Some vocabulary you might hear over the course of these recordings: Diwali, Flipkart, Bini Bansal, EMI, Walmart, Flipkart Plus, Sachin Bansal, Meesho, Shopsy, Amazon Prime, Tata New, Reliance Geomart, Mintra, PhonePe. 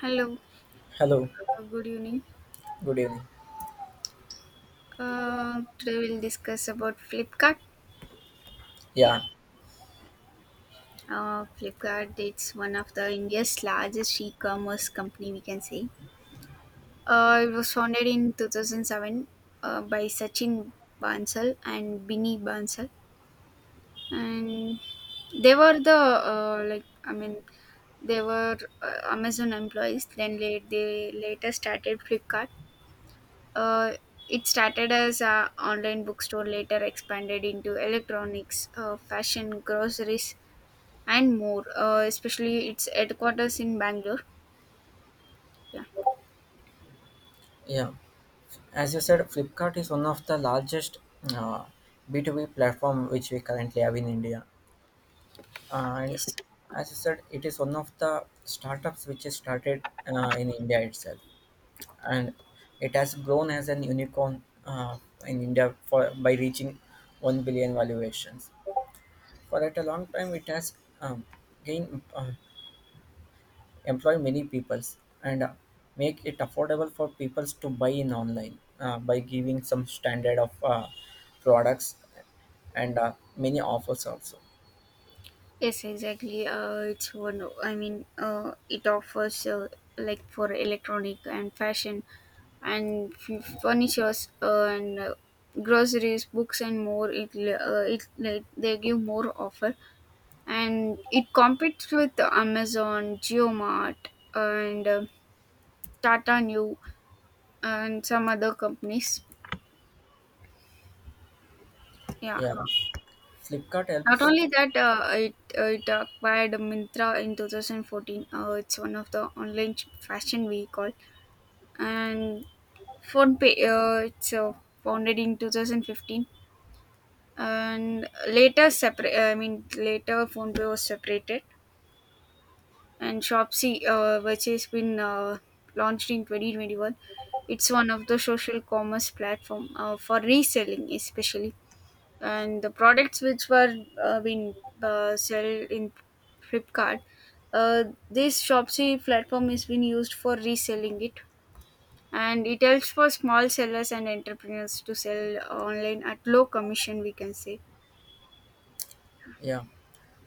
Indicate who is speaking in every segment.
Speaker 1: Hello,
Speaker 2: Hello,
Speaker 1: good evening.
Speaker 2: good evening.
Speaker 1: Today we'll discuss about Flipkart. Yeah,
Speaker 2: Yeah,
Speaker 1: Flipkart it's one of the India's largest e-commerce company, we can say. It was founded in 2007 by Sachin Bansal and Bini Bansal, and they were the like I mean they were Amazon employees. Then later started Flipkart. Uh, it started as a online bookstore, later expanded into electronics, fashion, groceries, and more. Especially its headquarters in Bangalore. Yeah.
Speaker 2: yeah. As you said, Flipkart is one of the largest uh, B2B platform which we currently have in India. And
Speaker 1: Yes.
Speaker 2: as you said, it is one of the startups which is started in India itself. And it has grown as an unicorn in India for by reaching 1 billion valuations. For at a long time, it has um, gained employ many peoples and make it affordable for peoples to buy in online by giving some standard of products and many offers also.
Speaker 1: Yes, exactly. It's one. O- I mean, It offers like for electronic and fashion, and furnitures and groceries, books, and more. It, l- it they give more offer and it competes with Amazon, GeoMart, and Tata New and some other companies. Yeah.
Speaker 2: Yeah, Flipkart
Speaker 1: Not
Speaker 2: helps.
Speaker 1: only that, it acquired Mintra in 2014. It's one of the online fashion we and PhonePe. It's founded in 2015 and later PhonePe was separated. And Shopsy, which has been launched in 2021. It's one of the social commerce platform for reselling, especially. And the products which were being sell in Flipkart, uh, this Shopsy platform is been used for reselling it, and it helps for small sellers and entrepreneurs to sell online at low commission, we can say.
Speaker 2: Yeah,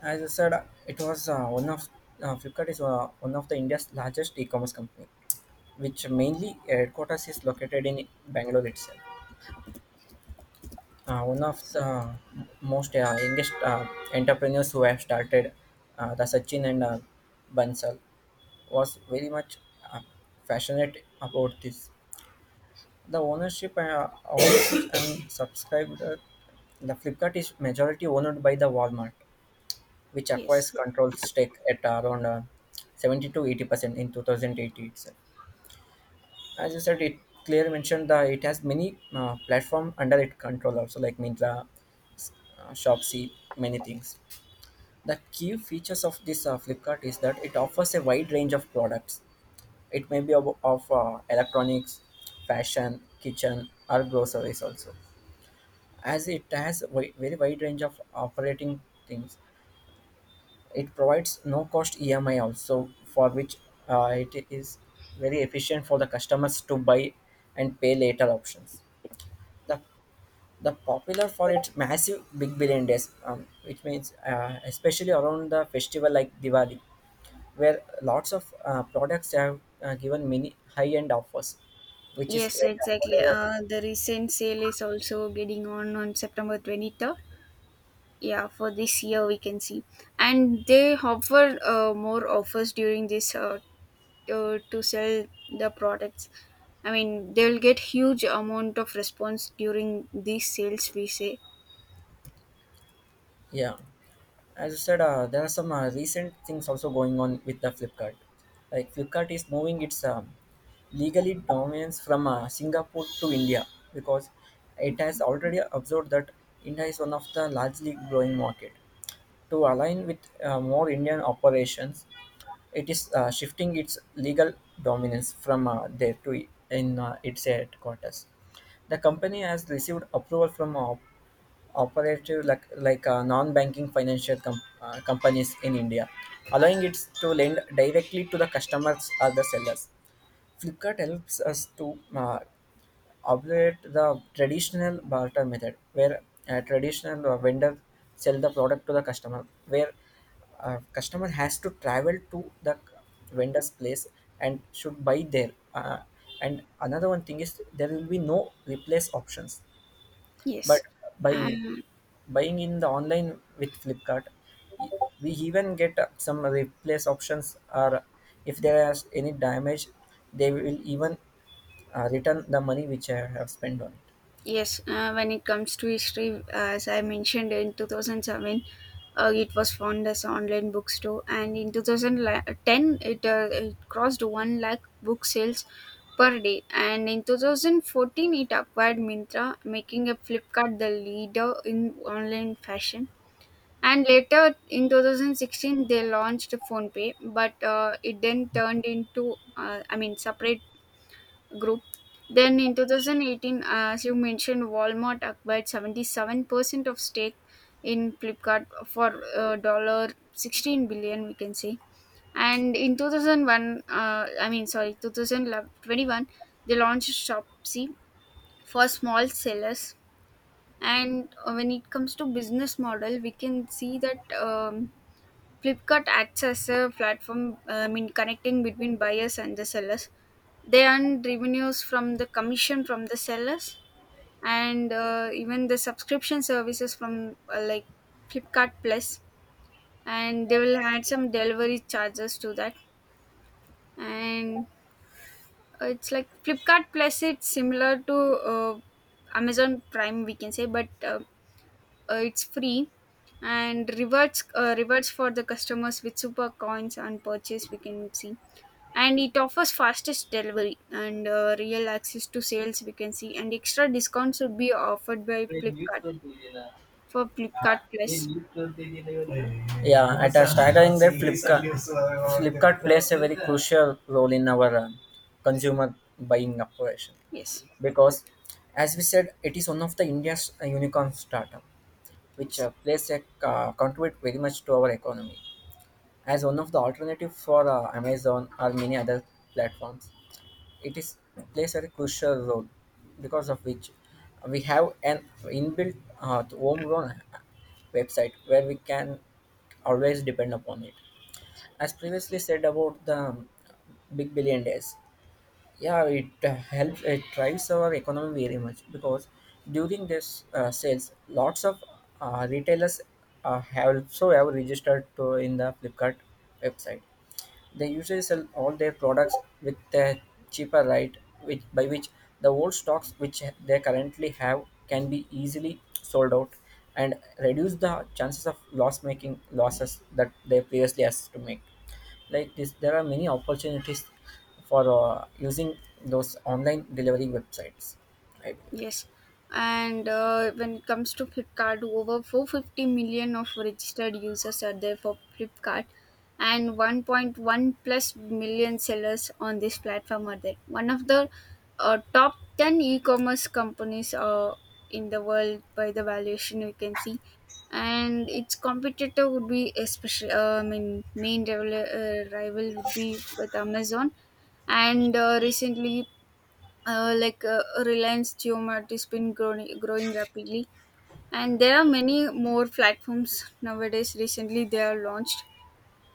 Speaker 2: as I said, it was one of Flipkart is one of the India's largest e-commerce company, which mainly headquarters is located in Bangalore itself. One of the most youngest entrepreneurs who have started the Sachin and Bansal. Was very much uh, passionate about this. The ownership owned and subscribed the Flipkart is majority owned by the Walmart, which
Speaker 1: Yes.
Speaker 2: acquires control stake at around 70 to 80% in 2080 itself. As you said, it clearly mentioned that it has many platform under its control also, like Mintra, Shopsy, many things. The key features of this Flipkart is that it offers a wide range of products. It may be of electronics, fashion, kitchen, or groceries also. As it has very wide range of operating things, it provides no cost EMI also, for which it is very efficient for the customers to buy and pay later options. The the popular for its massive big billion days, which means especially around the festival like Diwali, where lots of products have given many high-end offers, which is
Speaker 1: Yes,
Speaker 2: very
Speaker 1: exactly.
Speaker 2: affordable.
Speaker 1: The recent sale is also getting on September 23rd, yeah, for this year we can see, and they offer more offers during this to sell the products. I mean, they will get huge amount of response during these sales, we say.
Speaker 2: Yeah, as you said, there are some recent things also going on with the Flipkart. Like Flipkart is moving its legally dominance from Singapore to India, because it has already observed that India is one of the largely growing market. To align with more Indian operations, it is shifting its legal dominance from there to in its headquarters. The company has received approval from operative, like non-banking financial companies in India, allowing it to lend directly to the customers or the sellers. Flipkart helps us to operate the traditional barter method, where a traditional vendor sell the product to the customer, where customer has to travel to the vendor's place and should buy there. And another one thing is there will be no replace options, but
Speaker 1: Yes.
Speaker 2: by
Speaker 1: And
Speaker 2: buying in the online with Flipkart, we even get some replace options, or if there is any damage, they will even return the money which I have spent on it.
Speaker 1: yes, when it comes to history, as I mentioned in 2007, it was found as online bookstore, and in 2010, it crossed 1 lakh book sales per day. And in 2014, it acquired Mintra, making a Flipkart the leader in online fashion. And later in 2016, they launched PhonePe, but it then turned into, separate group. Then in 2018, as you mentioned, Walmart acquired 77% of stake in Flipkart for dollar 16 billion, we can say. And in 2001, sorry, 2021, they launched Shopsy for small sellers. And when it comes to business model, we can see that. Flipkart acts as a platform in connecting between buyers and the sellers. They earn revenues from the commission from the sellers and even the subscription services from like Flipkart Plus, and they will add some delivery charges to that. And it's like Flipkart Plus, it's similar to Amazon Prime, we can say, but it's free and rewards for the customers with super coins on purchase, we can see, and it offers fastest delivery and real access to sales, we can see, and extra discounts would be offered by Flipkart for Flipkart Plus.
Speaker 2: Yeah, at a staggering that Flipkart, plays a very crucial role in our consumer buying operation,
Speaker 1: Yes.
Speaker 2: because, as we said, it is one of the India's unicorn startup, which
Speaker 1: Yes.
Speaker 2: plays a contribute very much to our economy as one of the alternative for Amazon or many other platforms. It is plays a crucial role, because of which we have an inbuilt homegrown website where we can always depend upon it. As previously said about the Big Billion Days, yeah, it helps, it drives our economy very much, because during this sales lots of retailers have also have registered to in the Flipkart website. They usually sell all their products with a cheaper rate, which by which the old stocks which they currently have can be easily sold out and reduce the chances of loss making losses that they previously has to make. Like this there are many opportunities for using those online delivery websites, right?
Speaker 1: Yes, and when it comes to Flipkart, over 450 million of registered users are there for Flipkart, and 1.1 plus million sellers on this platform are there. One of the top 10 e-commerce companies in the world by the valuation, we can see, and its competitor would be especially, main rival, rival would be with Amazon and recently Reliance Geomart has been growing rapidly, and there are many more platforms nowadays. Recently, they are launched,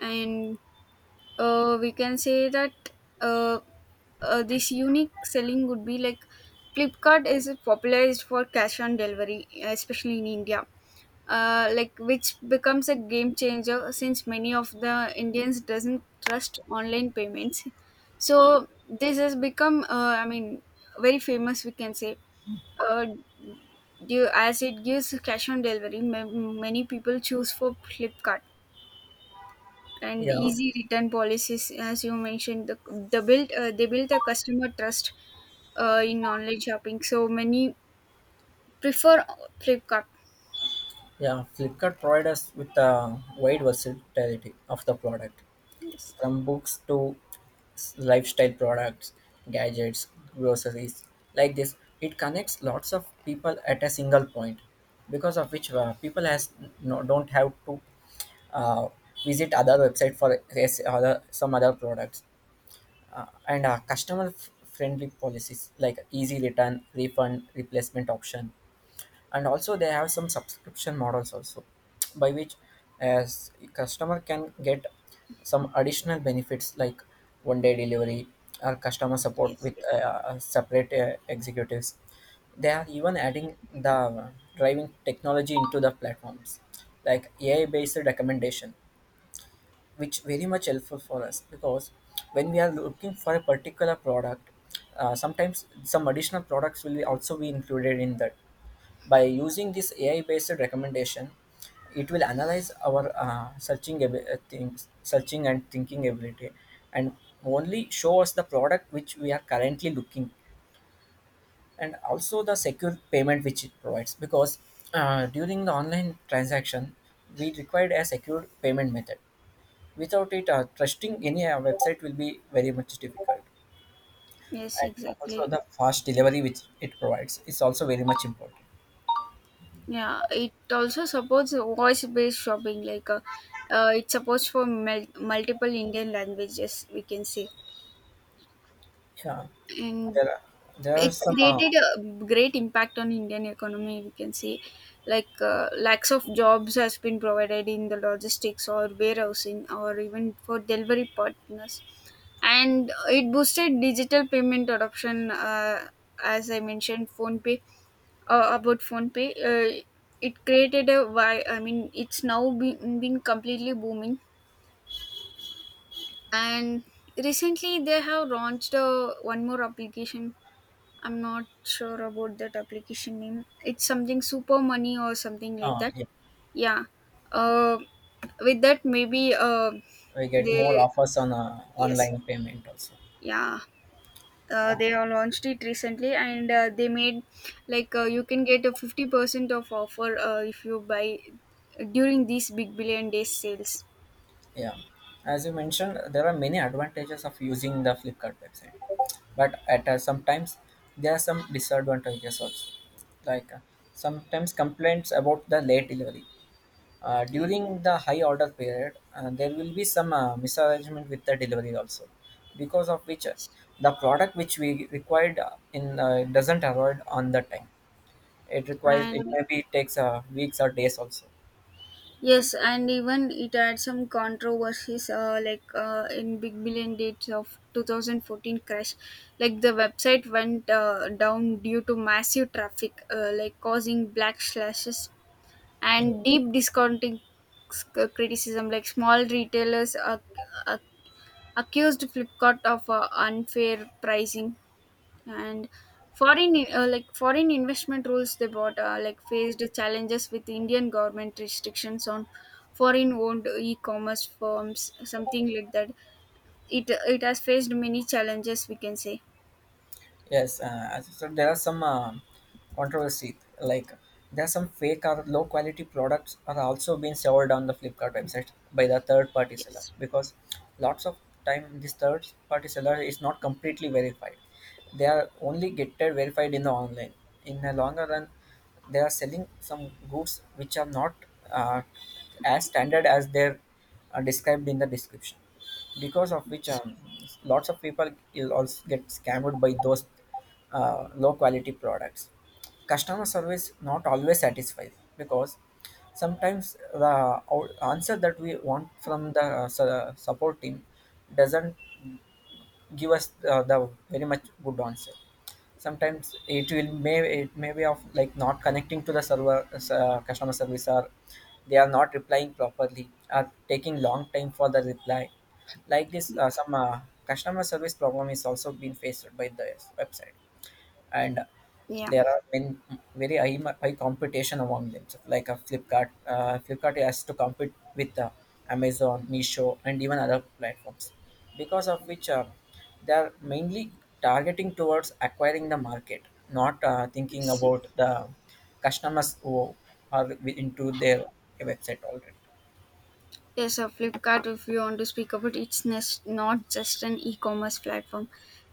Speaker 1: and we can say that uh, this unique selling would be like Flipkart is popularized for cash on delivery, especially in India. Like which becomes a game changer since many of the Indians doesn't trust online payments. So this has become, I mean, very famous, we can say, uh, due, as it gives cash on delivery, many people choose for Flipkart and the
Speaker 2: Yeah,
Speaker 1: easy return policies as you mentioned the built they built a customer trust in online shopping, so many prefer Flipkart.
Speaker 2: yeah. Flipkart provides us with a wide versatility of the product,
Speaker 1: Yes.
Speaker 2: from books to lifestyle products, gadgets, groceries. Like this, it connects lots of people at a single point, because of which people has no, don't have to uh, visit other website for, yes, other some other products, uh, and customer friendly policies like easy return, refund, replacement option. And also they have some subscription models also, by which as customer can get some additional benefits like one day delivery or customer support
Speaker 1: Yes.
Speaker 2: with separate executives. They are even adding the driving technology into the platforms like AI based recommendation, which very much helpful for us, because when we are looking for a particular product, sometimes some additional products will also be included in that by using this AI based recommendation. It will analyze our searching things searching and thinking ability, and only show us the product which we are currently looking. And also the secure payment which it provides, because during the online transaction we required a secure payment method. Without it, trusting any website will be very much difficult.
Speaker 1: Yes,
Speaker 2: And also,
Speaker 1: exactly.
Speaker 2: the fast delivery which it provides is also very much important.
Speaker 1: Yeah, it also supports voice based shopping like it supports for multiple Indian languages, we can say,
Speaker 2: Yeah,
Speaker 1: and
Speaker 2: there are
Speaker 1: it
Speaker 2: some.
Speaker 1: created a great impact on Indian economy, we can see. Like lakhs of jobs has been provided in the logistics or warehousing or even for delivery partners, and it boosted digital payment adoption. As I mentioned phone pay, uh, about phone pay uh, it created a why I mean it's now been completely booming. And recently they have launched one more application. I'm not sure about that application name. It's something Super Money or something like that.
Speaker 2: Yeah,
Speaker 1: Yeah. Uh, with that, maybe
Speaker 2: we get more
Speaker 1: they
Speaker 2: offers on
Speaker 1: yes,
Speaker 2: online payment also.
Speaker 1: yeah. They all launched it recently, and they made like you can get a 50% of offer if you buy during these Big Billion Days sales.
Speaker 2: Yeah, as you mentioned, there are many advantages of using the Flipkart website, but at sometimes there are some disadvantages also. Like sometimes complaints about the late delivery.
Speaker 1: Yeah.
Speaker 2: During the high order period, there will be some misarrangement with the delivery also, because of which
Speaker 1: Yes.
Speaker 2: the product which we required in doesn't arrive on the time. It requires, it
Speaker 1: And
Speaker 2: maybe takes weeks or days also.
Speaker 1: yes, and even it had some controversies, in Big Billion Dates of 2014 crash, like the website went down due to massive traffic, like causing black slashes and deep discounting criticism. Like small retailers ac- accused Flipkart of unfair pricing and foreign foreign investment rules they bought, faced challenges with Indian government restrictions on foreign owned e-commerce firms, something like that. It has faced many challenges, we can say.
Speaker 2: Yes, as you said, there are some controversy. Like there are some fake or low quality products are also being sold on the Flipkart website by the third party seller,
Speaker 1: Yes.
Speaker 2: because lots of time this third party seller is not completely verified. They are only getted verified in the online. In the longer run, they are selling some goods which are not uh, as standard as they're described in the description, because of which lots of people will also get scammed by those low quality products. Customer service not always satisfied, because sometimes the answer that we want from the support team doesn't give us the very much good answer. Sometimes it will may, it may be of like not connecting to the server customer service, or they are not replying properly are taking long time for the reply. Like this
Speaker 1: Yeah.
Speaker 2: some customer service problem is also being faced by the website. And
Speaker 1: Yeah.
Speaker 2: there are many, very high, high competition among them. So like a Flipkart, Flipkart has to compete with Amazon, Meesho, and even other platforms, because of which they are mainly targeting towards acquiring the market, not thinking
Speaker 1: Yes.
Speaker 2: about the customers who are into their website already.
Speaker 1: Yes, a Flipkart, if you want to speak about it's not just an e commerce platform,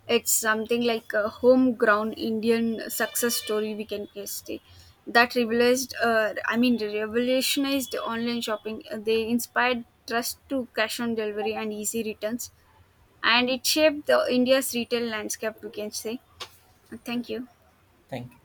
Speaker 1: it's something like a homegrown Indian success story, we can say, that revolutionized online shopping. They inspired trust to cash on delivery and easy returns, and it shaped the India's retail landscape, we can say. Thank you.
Speaker 2: Thank you.